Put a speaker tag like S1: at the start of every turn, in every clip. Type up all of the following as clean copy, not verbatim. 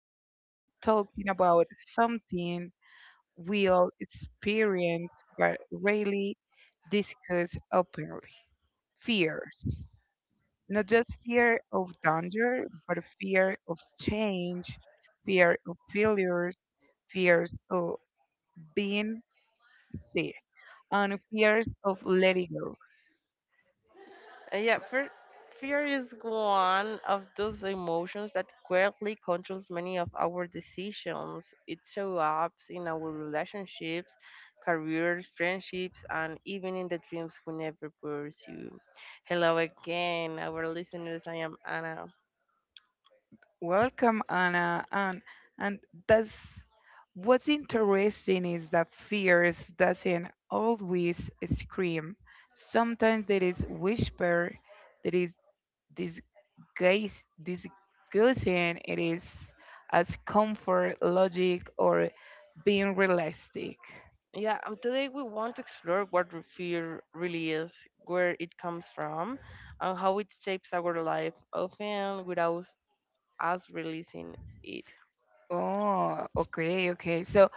S1: we are talking about something we all experience but rarely discuss openly fears. Not just fear of danger, but fear of change, fear of failures, fears of being sick, and fears of letting go.
S2: Uh, yeah, fear, Fear is one of those emotions that greatly controls many of our decisions. It shows up in our relationships, careers, friendships, and even in the dreams we never pursue. Hello again, our listeners. I am Anna.
S1: Welcome, Anna. And that's what's interesting is that fears doesn't always scream. Sometimes there is whisper, there is disguise, disgusting. It is as comfort, logic, or being realistic.
S2: Yeah, Today we want to explore what fear really is, where it comes from, and how it shapes our life, often without us releasing it.
S1: Oh, okay, okay. So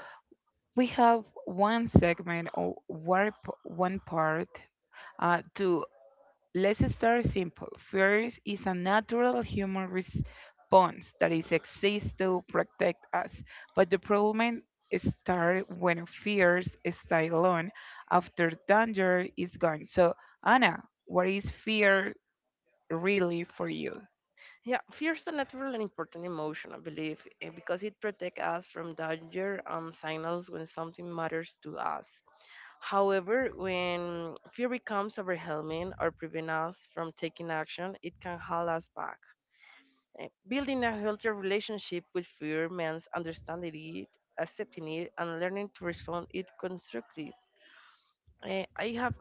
S1: we have one segment or one part to Let's start simple. Fear is a natural human response that is exists to protect us, but the problem starts when fears stay alone after danger is gone. So, Anna, what is fear really for you?
S2: Yeah, fear is a natural and important emotion, I believe, because it protects us from danger and signals when something matters to us. However, when fear becomes overwhelming or prevents us from taking action, it can hold us back. Building a healthier relationship with fear means understanding it, accepting it, and learning to respond it constructively. Eh, I have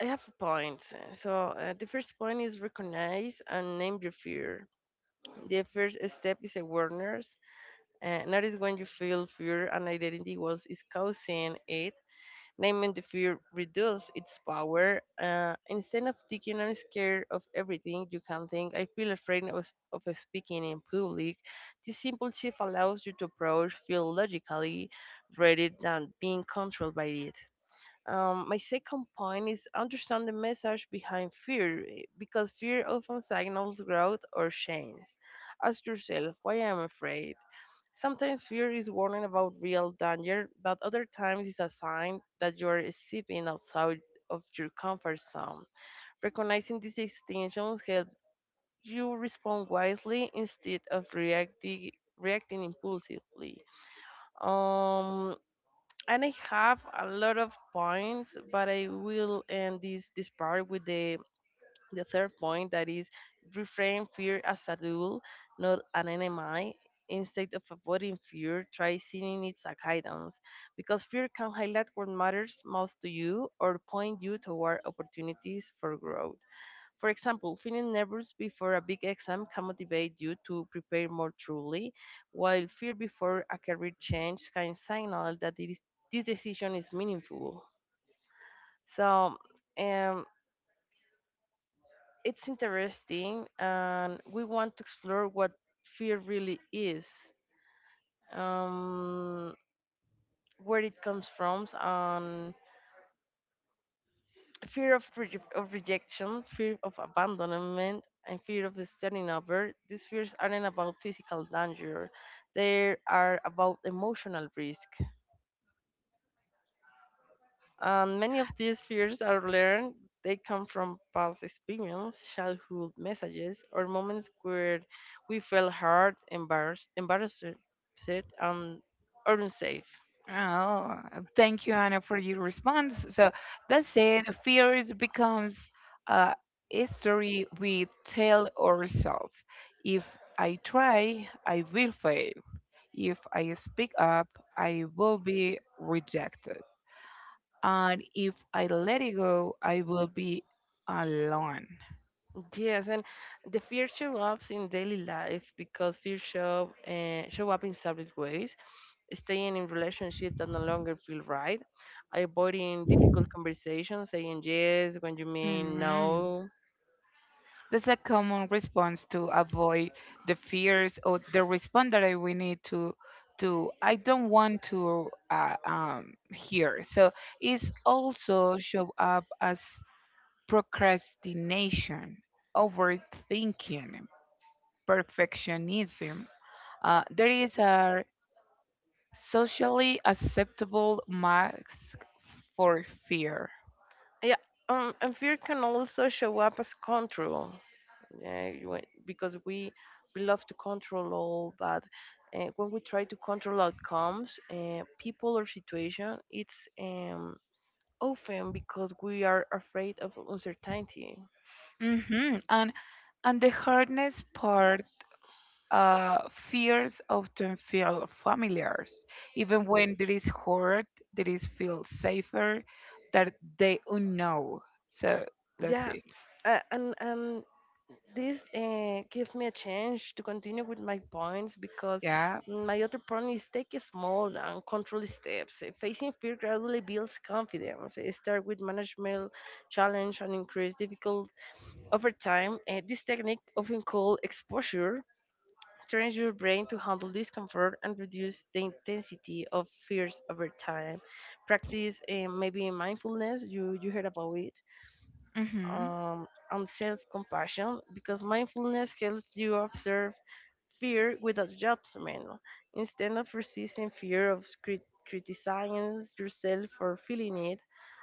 S2: I have points. So the first point is recognize and name your fear. The first step is awareness. Notice when you feel fear and identity was is causing it. Naming the fear reduces its power. Instead of thinking I'm scared of everything, you can think I feel afraid of speaking in public. This simple shift allows you to approach feel logically rather than being controlled by it. My second point is understand the message behind fear, because fear often signals growth or change. Ask yourself why am I afraid. Sometimes fear is warning about real danger, but other times it's a sign that you are stepping outside of your comfort zone. Recognizing these distinctions helps you respond wisely instead of reacting impulsively. Um, and I have a lot of points, but I will end this part with the third point that is reframe fear as a tool, not an enemy. Instead of avoiding fear, try seeing it as a guidance, because fear can highlight what matters most to you or point you toward opportunities for growth. For example, feeling nervous before a big exam can motivate you to prepare more truly, while fear before a career change can signal that this decision is meaningful. So, um, it's interesting, and we want to explore what fear really is, um, where it comes from, and fear of, rejection, fear of abandonment, and fear of starting over, these fears aren't about physical danger. They are about emotional risk. And many of these fears are learned. They come from past experience, childhood messages, or moments where we felt hurt, embarrassed, upset, and or unsafe.
S1: Oh, thank you, Anna, for your response. So that's it. Fears becomes a story we tell ourselves. If I try, I will fail. If I speak up, I will be rejected. And if I let it go, I will be alone.
S2: Yes, and the fear show up in daily life because fear show show up in several ways. Staying in relationships that no longer feel right, avoiding difficult conversations, saying yes when you mean
S1: Mhm.
S2: no.
S1: That's a common response to avoid the fears or the response that we need to I don't want to hear. So it's also show up as procrastination, overthinking, perfectionism. There is a socially acceptable mask for fear.
S2: Yeah, and fear can also show up as control. Yeah, because we love to control all, but when we try to control outcomes, people or situation, it's often because we are afraid of uncertainty.
S1: Hmm. And the hardness part, fears often feel familiar, even when there is hurt, there is feel safer that they unknown. So that's
S2: Yeah,
S1: it.
S2: and this gives me a chance to continue with my points because
S1: Yeah.
S2: my other point is take small and controlled steps. Facing fear gradually builds confidence. Start with management challenge and increase difficult over time. This technique, often called exposure, trains your brain to handle discomfort and reduce the intensity of fears over time. Practice maybe mindfulness, you heard about it,
S1: Mm-hmm. Oh.
S2: and self compassion, because mindfulness helps you observe fear without judgment. Instead of resisting criticizing yourself for feeling it,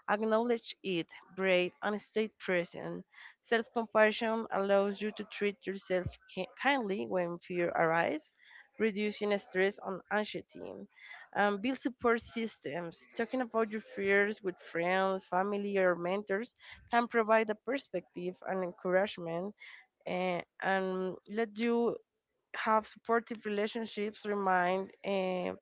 S2: acknowledge it, breathe, and stay present. Self compassion allows you to treat yourself kindly when fear arises, reducing stress and anxiety. Build support systems. Talking about your fears with friends, family, or mentors can provide a perspective and encouragement and let you have supportive relationships remind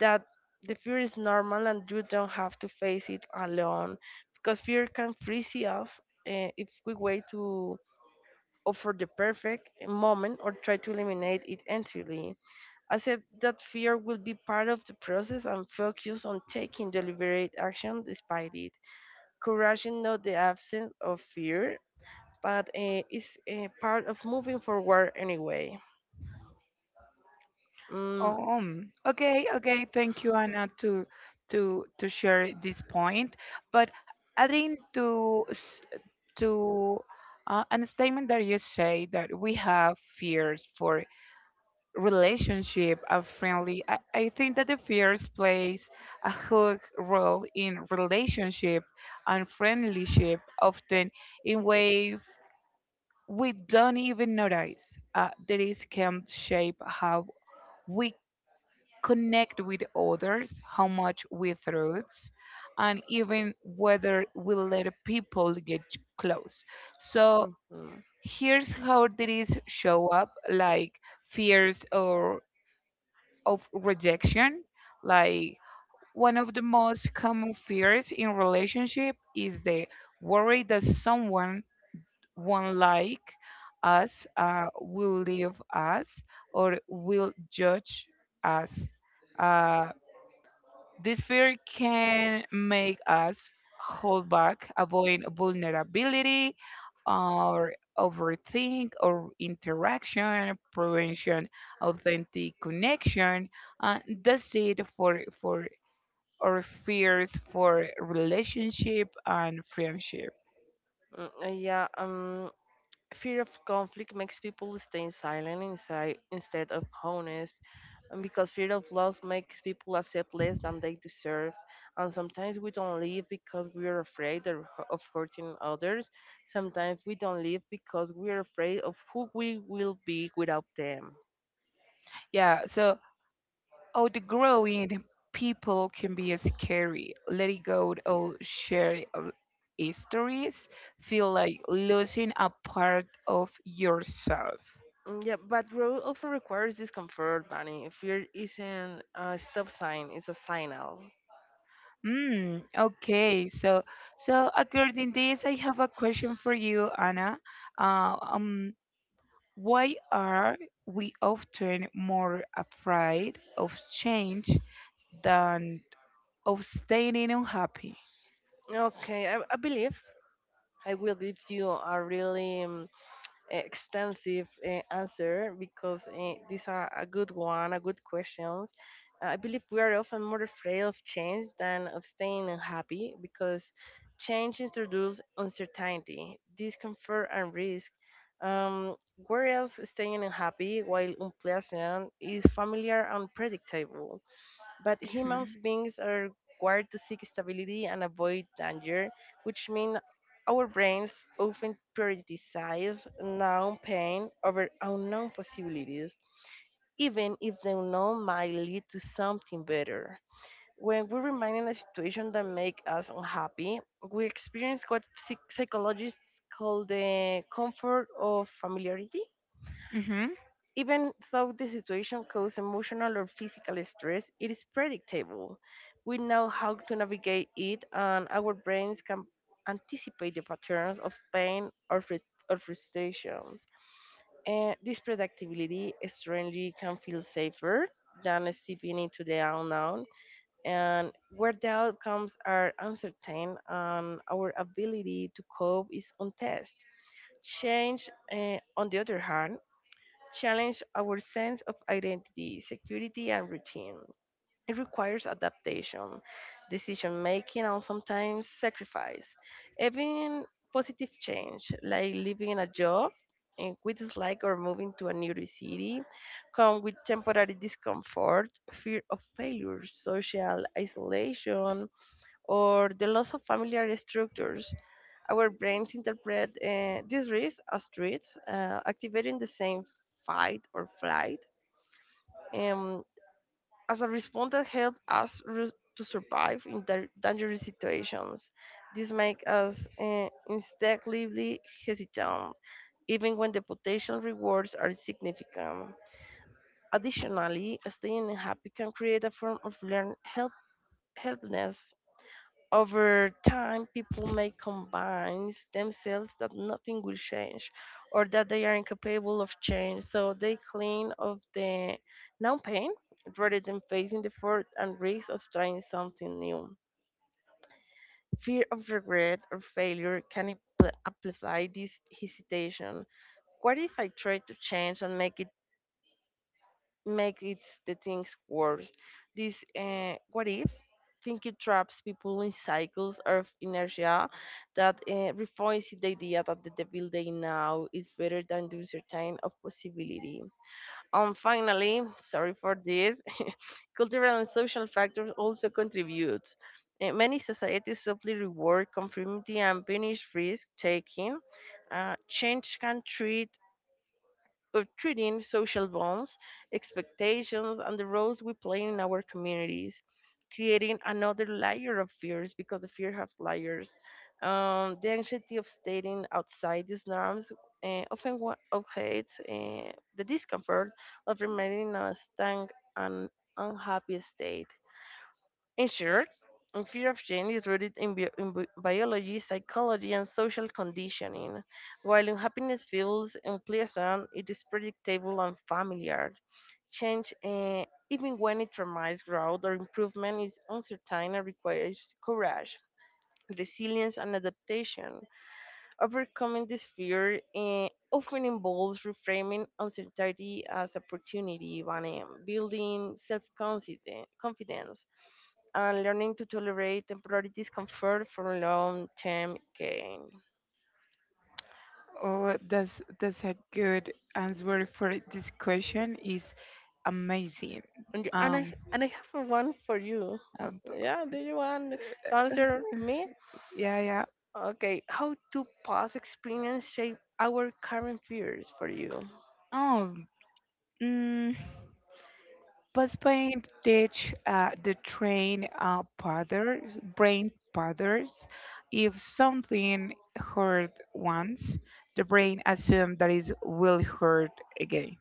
S2: that the fear is normal and you don't have to face it alone because fear can freeze us if we wait to offer the perfect moment or try to eliminate it entirely, accept that fear will be part of the process and focus on taking deliberate action despite it. Courage is not the absence of fear but is a part of moving forward anyway. Mm,
S1: Okay, okay. Thank you, Anna, to to share this point. But adding to to a statement that you say that we have fears for relationship and friendly. I think that the fears plays a huge role in relationship and friendlyship, often in ways we don't even notice. That is can shape how we connect with others, how much we trust, and even whether we let people get close. So
S2: mm-hmm.
S1: here's how these show up like fears or of rejection like one of the most common fears in relationship is the worry that someone won't like us, will leave us or will judge us. Uh, this fear can make us hold back, avoid vulnerability, or overthink or interaction, prevention, authentic connection. That's it for our fears for relationship and friendship.
S2: Mm, uh, yeah, um, Fear of conflict makes people stay silent inside instead of honest, and because fear of loss makes people accept less than they deserve. And sometimes we don't live because we are afraid of, of hurting others. Sometimes we don't live because we are afraid of who we will be without them.
S1: Yeah, so outgrowing people can be scary. Letting go of shared histories feel like losing a part of yourself.
S2: Yeah, but growth often requires discomfort, Bunny. Fear isn't a stop sign; it's a signal.
S1: Mm, okay, so so according this, I have a question for you, Anna. Uh, um, why are we often more afraid of change than of staying unhappy?
S2: Okay, I believe I will give you a really extensive answer because these are a good one, a good questions. I believe we are often more afraid of change than of staying unhappy because change introduces uncertainty, discomfort, and risk. Um, Whereas staying unhappy while unpleasant is familiar and predictable. But humans
S1: Mhm.
S2: beings are wired to seek stability and avoid danger, which means our brains often prioritize known pain over unknown possibilities, even if the unknown might lead to something better. When we remain in a situation that makes us unhappy, we experience what psychologists call the comfort of familiarity,
S1: Mhm.
S2: even though the situation causes emotional or physical stress, it is predictable. We know how to navigate it, and our brains can anticipate the patterns of pain or, or frustrations. And this predictability strangely can feel safer than stepping into the unknown, and where the outcomes are uncertain and our ability to cope is on test. Change, on the other hand, challenge our sense of identity, security, and routine. It requires adaptation, decision making, and sometimes sacrifice. Even positive change, like leaving a job and we dislike or moving to a new city, come with temporary discomfort, fear of failure, social isolation, or the loss of familiar structures. Our brains interpret these risks as threats, activating the same fight or flight um, as a response that helps to survive in dangerous situations. This makes us instinctively hesitant, even when the potential rewards are significant. Additionally, staying happy can create a form of learned helplessness. Over time, people may convince themselves that nothing will change or that they are incapable of change, so they cling of the known pain rather than facing the effort and risk of trying something new. Fear of regret or failure can amplify this hesitation. What if I try to change and make it? Make it the things worse. This what if thinking traps people in cycles of inertia that refines the idea that the devil they now is better than the uncertain of possibility. And finally, sorry for this, cultural and social factors also contribute. Many societies simply reward conformity and punish risk taking. Change can treat of treating social bonds, expectations, and the roles we play in our communities, creating another layer of fears because the fear has layers. The anxiety of staying outside these norms often obviates the discomfort of remaining in a stank and unhappy state. In short, a fear of change is rooted in, biology, psychology, and social conditioning. While unhappiness feels unpleasant, it is predictable and familiar. Change, even when it promises growth or improvement, is uncertain and requires courage, resilience, and adaptation. Overcoming this fear often involves reframing uncertainty as opportunity, and building self-confidence and learning to tolerate temporary discomfort for long-term gain.
S1: Oh, that's a good answer for this question. Is amazing.
S2: And, and I
S1: Um.
S2: and I have one for you.
S1: uh, b-
S2: Yeah, do you want to answer to me?
S1: yeah. Yeah.
S2: Okay, how do past experience shape our current fears for you?
S1: Oh, mm, postponed ditch the train powders, brain powders. If something hurt once, the brain assumes that it will hurt again.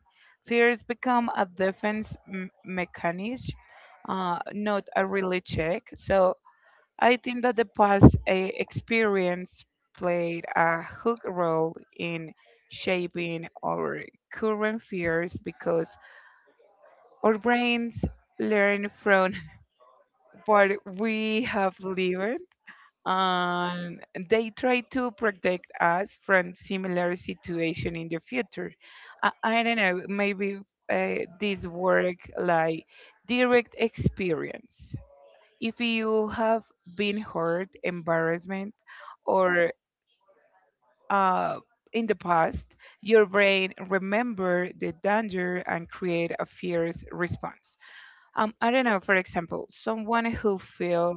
S1: Fears become a defense mechanism, not a really check. So I think that the past experience played a hook role in shaping our current fears because our brains learn from what we have lived and they try to protect us from similar situation in the future. I don't know, maybe uh, this work like direct experience. If you have been hurt embarrassment or uh, in the past, your brain remember the danger and create a fierce response. I don't know, for example, someone who feel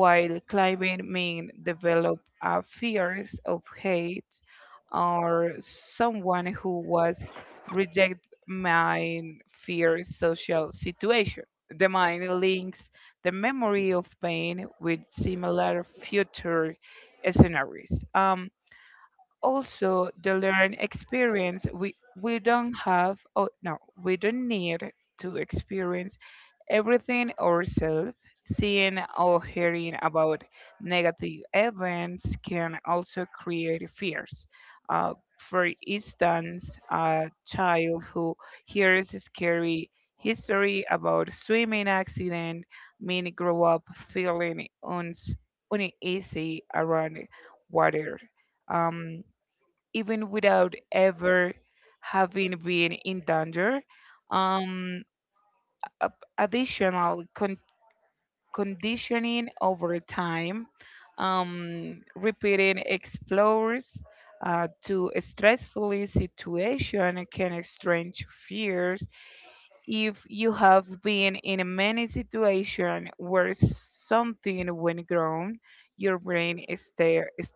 S1: while climbing may develop fears of hate, or someone who was reject my fear social situation. The mind links the memory of pain with similar future scenarios. Also, the learned experience we don't have. Oh no, we don't need to experience everything ourselves, seeing or hearing about negative events can also create fears. For instance, a child who hears a scary history about swimming accident may grow up feeling uneasy around water, um, even without ever having been in danger. Um, a- Additional conditioning over time. Repeating explores to a stressful situation can exchange fears. If you have been in many situations where something went wrong, your brain starts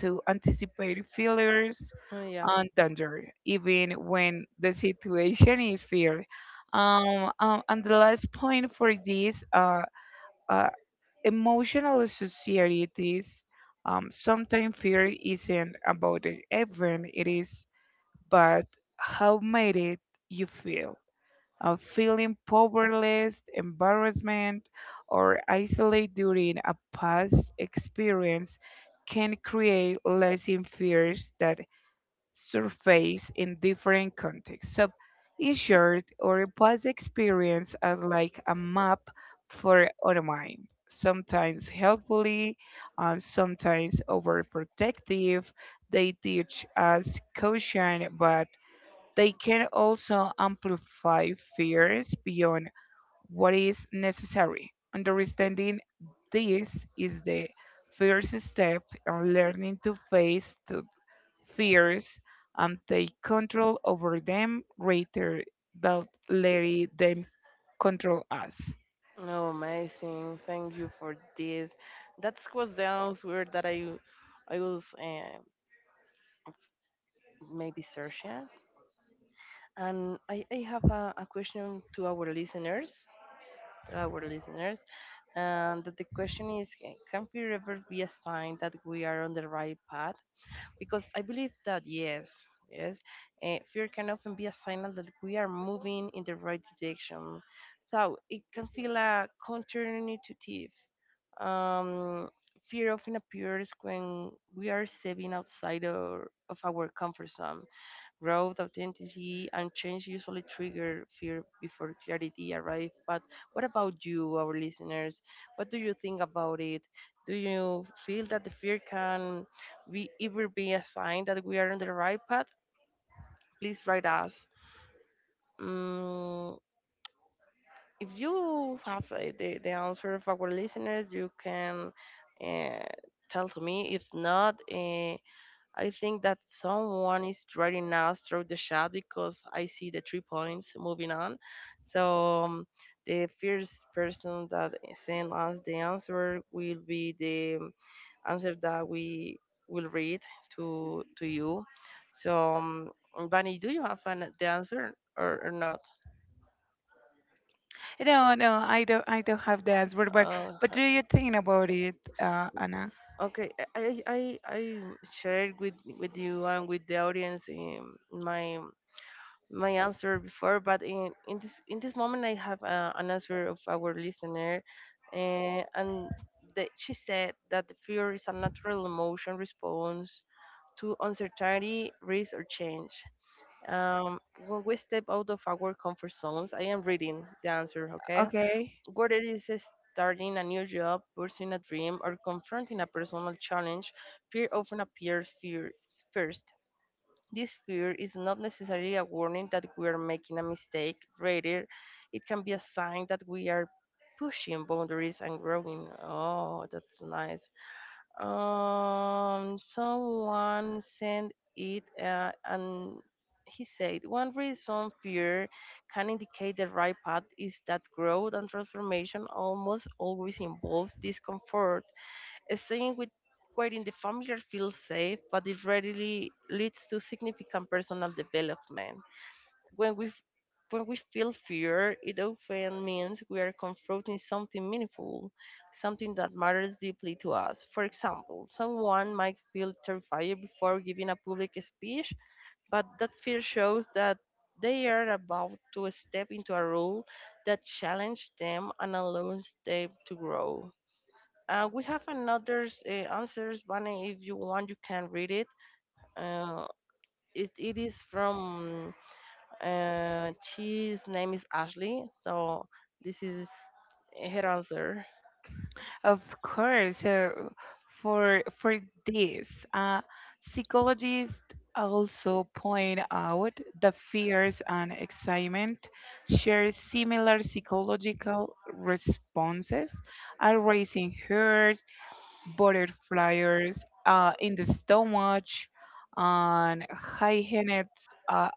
S1: to anticipate failures
S2: Oh yeah.
S1: and danger, even when the situation is fear. And the last point for this, uh, emotional societies, sometimes fear isn't about the event, it is but how made it you feel. Feeling powerless, embarrassment, or isolate during a past experience can create lasting fears that surface in different contexts. So, in short, our past experience are like a map for our mind, sometimes helpfully and sometimes overprotective. They teach us caution, but they can also amplify fears beyond what is necessary. Understanding this is the first step in learning to face the fears and take control over them rather than letting them control us.
S2: Oh, amazing! Thank you for this. That was the answer that I was maybe searching. And I have a question to our listeners. To our listeners. And the question is Can fear ever be a sign that we are on the right path? Because I believe that yes, yes, fear can often be a signal that we are moving in the right direction. So it can feel a counterintuitive. Um, Fear often appears when we are stepping outside our, of our comfort zone. Growth, authenticity, and change usually trigger fear before clarity arrives. But what about you, our listeners? What do you think about it? Do you feel that the fear can be ever be a sign that we are on the right path? Please write us. Mm, if you have the answer of our listeners, you can uh, tell to me. If not, I think that someone is threatening us through the chat because I see the three points moving on. So the first person that sends us the answer will be the answer that we will read to you. So, Bunny, do you have an, the answer or not?
S1: No, no, I don't have the answer,
S2: Uh,
S1: but do you think about it, Anna?
S2: okay, I shared with you and with the audience my my answer before, but in this moment I have an answer of our listener, and that she said that the fear is a natural emotion response to uncertainty, risk, or change. Um, when we step out of our comfort zones, I am reading the answer. Okay,
S1: Okay,
S2: whether it is starting a new job, pursuing a dream, or confronting a personal challenge, fear often appears fear first. This fear is not necessarily a warning that we are making a mistake, rather, it can be a sign that we are pushing boundaries and growing. Oh, that's nice. Someone sent it, and he said, one reason fear can indicate the right path is that growth and transformation almost always involve discomfort. Staying with quite in the familiar feels safe, but it rarely leads to significant personal development. When we f- when we feel fear, it often means we are confronting something meaningful, something that matters deeply to us. For example, someone might feel terrified before giving a public speech, but that fear shows that they are about to step into a role that challenges them and allows them to grow. We have another answers, Bunny. If you want, you can read it. Uh, it is from she's name is Ashley. So this is her answer.
S1: of course. For this, uh, psychologists also point out the fears and excitement share similar psychological responses, are raising herd butterflies in the stomach and hygienists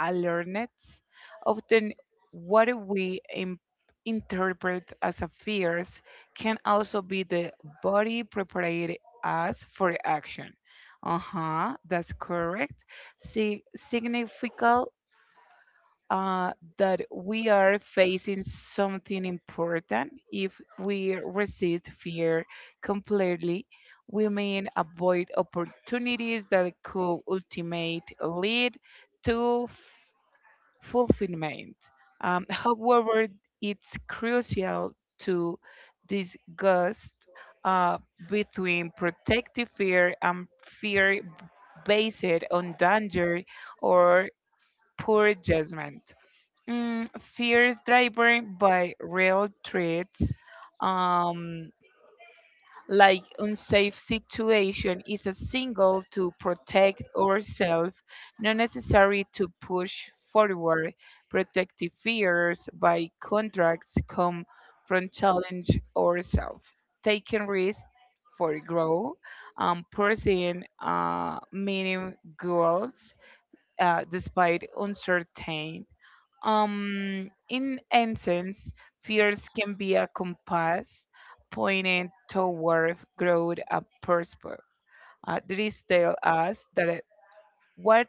S1: alertness. Often, what we interpret as a fears can also be the body prepared us for action. Uh huh, that's correct. See, significant uh, that we are facing something important if we resist fear completely. We may avoid opportunities that could ultimately lead to fulfillment. However, it's crucial to discuss uh, between protective fear and fear based on danger or poor judgment. Mm, fears driven by real threats, um, like unsafe situation, is a signal to protect ourselves, not necessary to push forward. Protective fears, by contracts, come from challenge ourselves, taking risks for growth, pursuing meaning goals, despite uncertain. In essence, fears can be a compass pointing toward growth and purpose. They tell us that what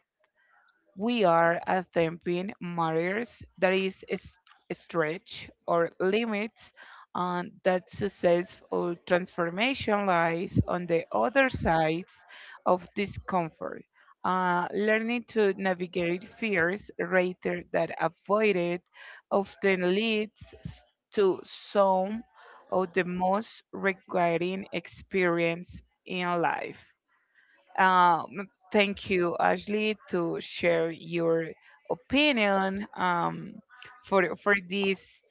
S1: we are attempting matters that is stretch or limits, and that successful transformation lies on the other sides of discomfort. Uh, learning to navigate fears rather than avoid it often leads to some of the most requiring experience in life. Um, thank you, Ashley, to share your opinion for this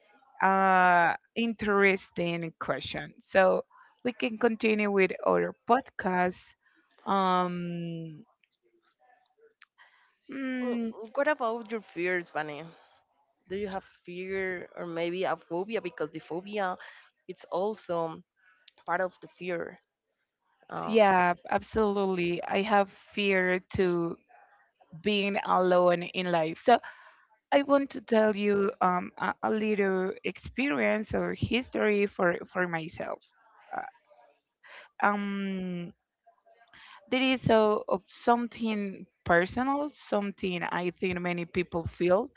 S1: interesting question. So we can continue with our podcast. Um,
S2: Mm,
S1: mm,
S2: what about your fears, Bunny? Do you have fear or maybe a phobia? Because the phobia, it's also part of the fear. Um,
S1: yeah, absolutely. I have fear to being alone in life. So I want to tell you a little experience or history for myself. Um there is so of something personal, something I think many people feel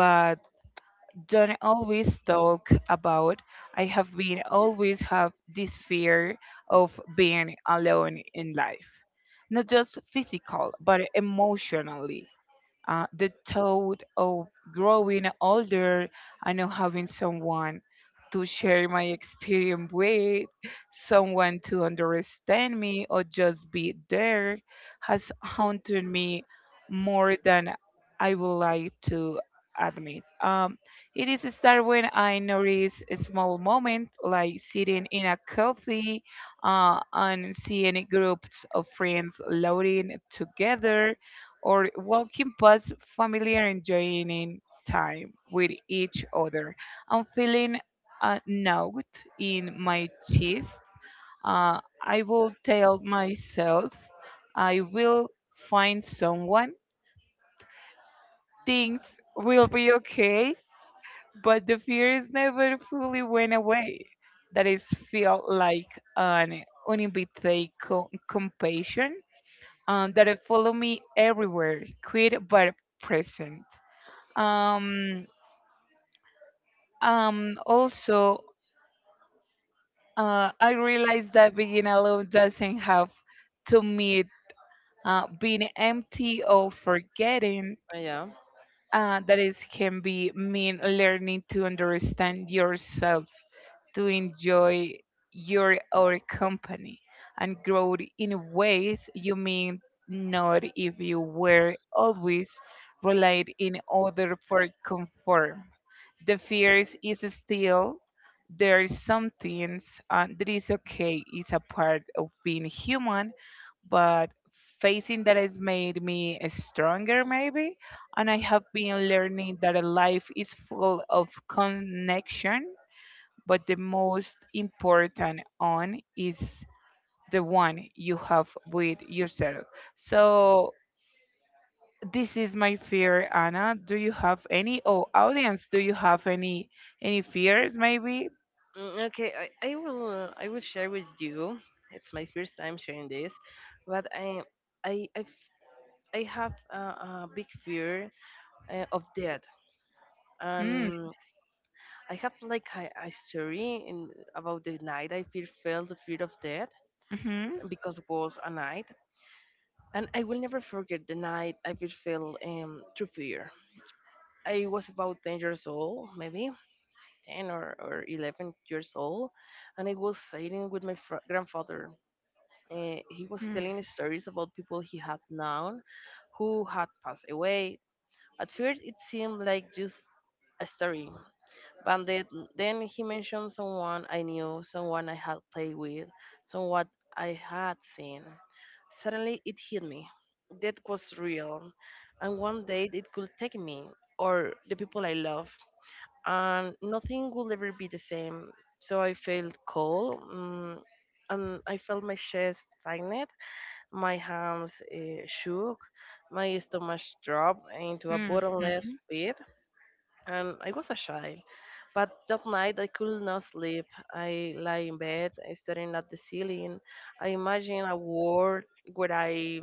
S1: but don't always talk about. I have been always have this fear of being alone in life, not just physical but emotionally. The thought of growing older and not having someone to share my experience with, someone to understand me or just be there, has haunted me more than I would like to admit. It is start when I notice a small moment, like sitting in a coffee and seeing groups of friends loading together or walking past family and enjoying time with each other. I'm feeling a knot in my chest. I will tell myself I will find someone. Things will be okay, but the fears never fully went away. That is felt like an uninvited compassion, that it follow me everywhere, quit but present. Um, um, also, I realized that being alone doesn't have to mean being empty or forgetting.
S2: yeah, yeah.
S1: That is can be mean learning to understand yourself, to enjoy your our company and grow in ways you mean not if you were always relied in order for conform. The fears is still there's some things that is okay. It's a part of being human, but facing that has made me stronger maybe, and I have been learning that a life is full of connection but the most important one is the one you have with yourself. So this is my fear, Anna. Do you have any? Oh, audience, do you have any fears? Maybe.
S2: Mm, okay, I will share with you. It's my first time sharing this, but I I I have a big fear of death,
S1: Mm,
S2: and I have like a story in, about the night I feel felt the fear of death
S1: mm-hmm,
S2: because it was a night, and I will never forget the night I feel felt through fear. I was about 10 years old, maybe ten or 11 years old, and I was sitting with my grandfather. He was
S1: mm,
S2: telling stories about people he had known who had passed away. At first, it seemed like just a story, but then he mentioned someone I knew, someone I had played with, someone I had seen. Suddenly, it hit me. That was real, and one day it could take me or the people I love, and nothing will ever be the same. So I felt cold, mm, and I felt my chest tighten, my hands shook, my stomach dropped into a
S1: mm,
S2: bottomless pit, and I was a child. But that night I could not sleep. I lay in bed, staring at the ceiling. I imagined a world where I,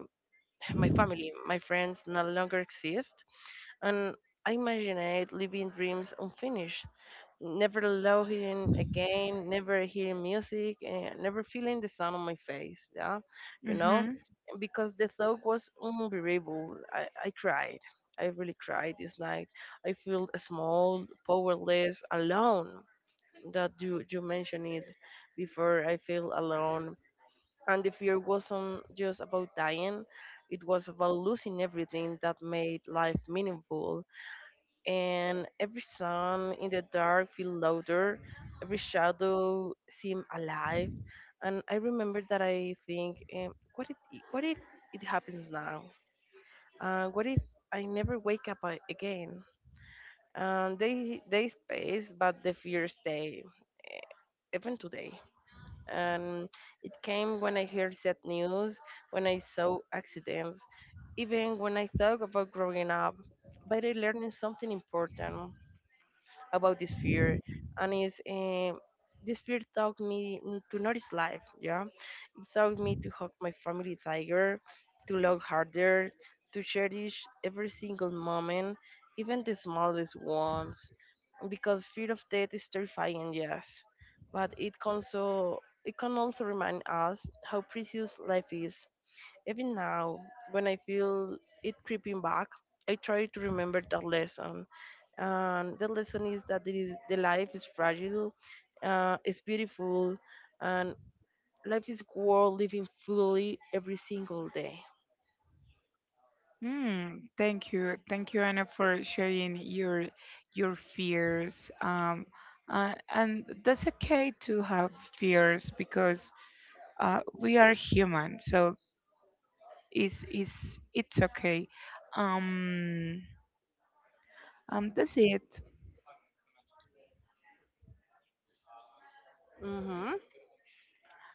S2: my family, my friends no longer exist, and I imagined living dreams unfinished. Never loving again, never hearing music, and never feeling the sun on my face. Yeah, you know
S1: mm-hmm.
S2: because the thought was unbearable. I cried. I really cried this night. I felt small, powerless, alone. That you mentioned it before. I feel alone, and the fear wasn't just about dying. It was about losing everything that made life meaningful, and every sound in the dark feel louder, every shadow seem alive. And I remember that I think, what if it happens now? What if I never wake up again? And they space, but the fear stay even today. And it came when I heard sad news, when I saw accidents, even when I thought about growing up. But I learned something important about this fear, and it's this fear taught me to notice life. Yeah, it taught me to hug my family tiger, to love harder, to cherish every single moment, even the smallest ones, because fear of death is terrifying, yes, but it can also, remind us how precious life is. Even now, when I feel it creeping back, I try to remember that lesson, and the lesson is that the life is fragile, it's beautiful, and life is worth living fully every single day.
S1: Mm, thank you. Thank you, Anna, for sharing your fears. And that's okay to have fears because we are human, so it's it's okay. Um, that's it.
S2: Hmm,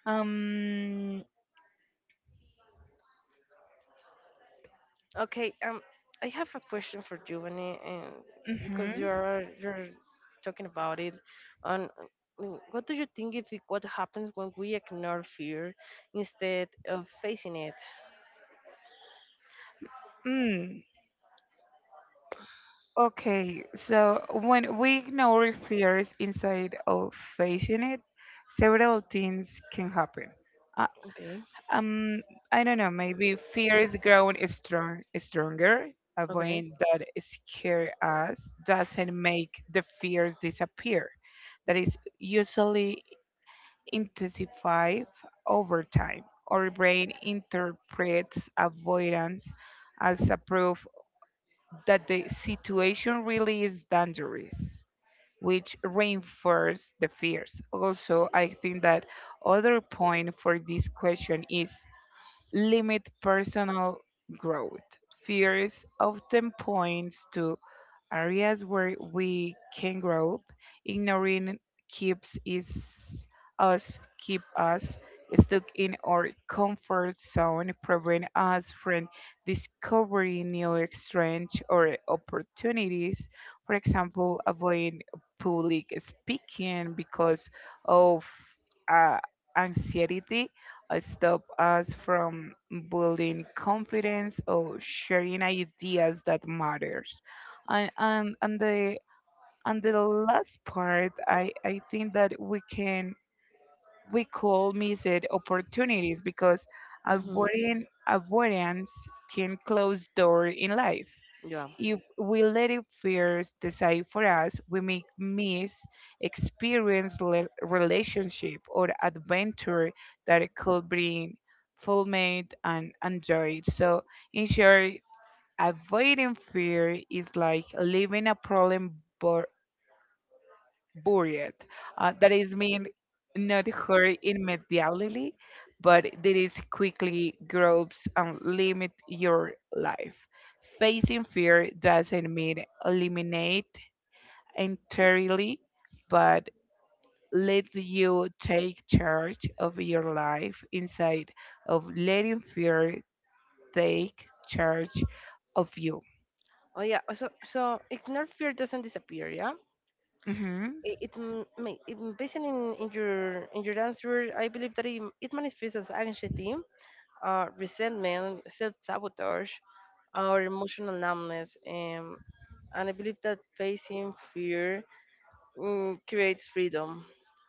S1: Um,
S2: okay, I have a question for you, and because
S1: mhm.
S2: you're talking about it, and mm, what do you think if it, what happens when we ignore fear instead of facing it?
S1: Mm, okay. So when we ignore fears inside of facing it, several things can happen.
S2: Okay,
S1: Um, I don't know. Maybe fear is growing stronger.
S2: okay.
S1: Avoiding that scare us doesn't make the fears disappear. That is usually intensified over time. Our brain interprets avoidance as a proof that the situation really is dangerous, which reinforces the fears. Also, I think that other point for this question is limit personal growth. Fears often points to areas where we can grow up. Ignoring keeps is us keep us stuck in our comfort zone, prevent us from discovering new strengths or opportunities. For example, avoid public speaking because of uh, anxiety stop us from building confidence or sharing ideas that matters. And and and the and the last part, I think that we can we could miss it opportunities because
S2: Mm-hmm.
S1: avoiding avoidance can close door in life.
S2: Yeah.
S1: If we let it fears decide for us, we may miss experience, relationship, or adventure that could bring fulfillment and joy. So, in short, avoiding fear is like leaving a problem buried. That is mean not hurt immediately, but that is quickly grows and limit your life. Facing fear doesn't mean eliminate entirely, but lets you take charge of your life inside of letting fear take charge of you.
S2: Oh yeah. So so ignore fear doesn't disappear. Yeah.
S1: Mm-hmm.
S2: It m- may it, m- based in your answer, I believe that it manifests as anxiety, resentment, self sabotage, or emotional numbness. And I believe that facing fear, mm, creates freedom.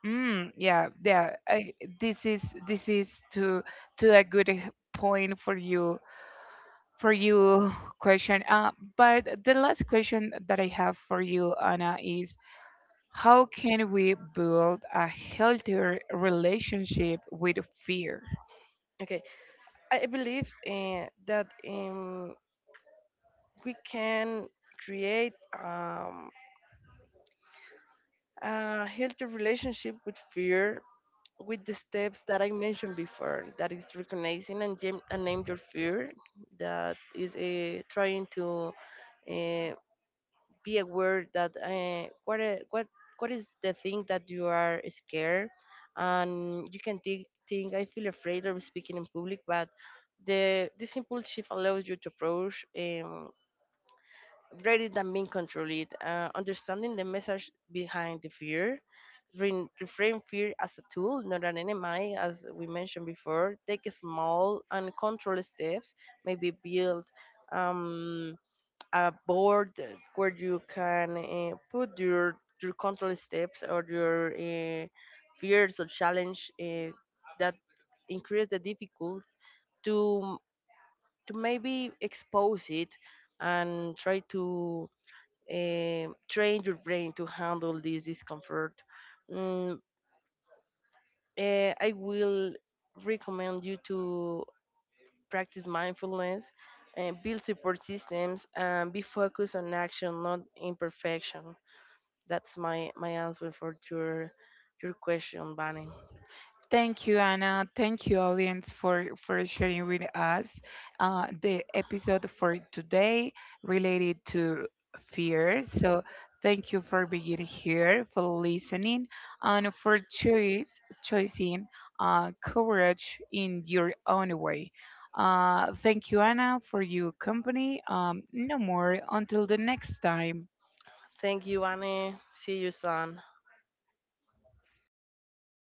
S1: Mm, yeah, yeah. This is this is to a good point for you for you question. But the last question that I have for you, Anna, is how can we build a healthier relationship with fear?
S2: Okay, I believe that we can create um, a healthy relationship with fear with the steps that I mentioned before, that is recognizing and, and name your fear, that is trying to uh, be aware that what what is the thing that you are scared, and you can think I feel afraid of speaking in public, but the this simple shift allows you to approach. Rather than being controlled. Understanding the message behind the fear, reframe fear as a tool, not an enemy, as we mentioned before. Take a small and controlled steps, maybe build um, a board where you can put your control steps or your fears or challenge that increase the difficult to to maybe expose it and try to train your brain to handle this discomfort. Mm, I will recommend you to practice mindfulness and build support systems and be focused on action, not imperfection. That's my my answer for your question, Bunny.
S1: Thank you, Anna. Thank you, audience, for, sharing with us the episode for today related to fear. So, thank you for being here, for listening, and for choice, choosing courage in your own way. Thank you, Anna, for your company. No more until the next time.
S2: Thank you, Bunny. See you soon.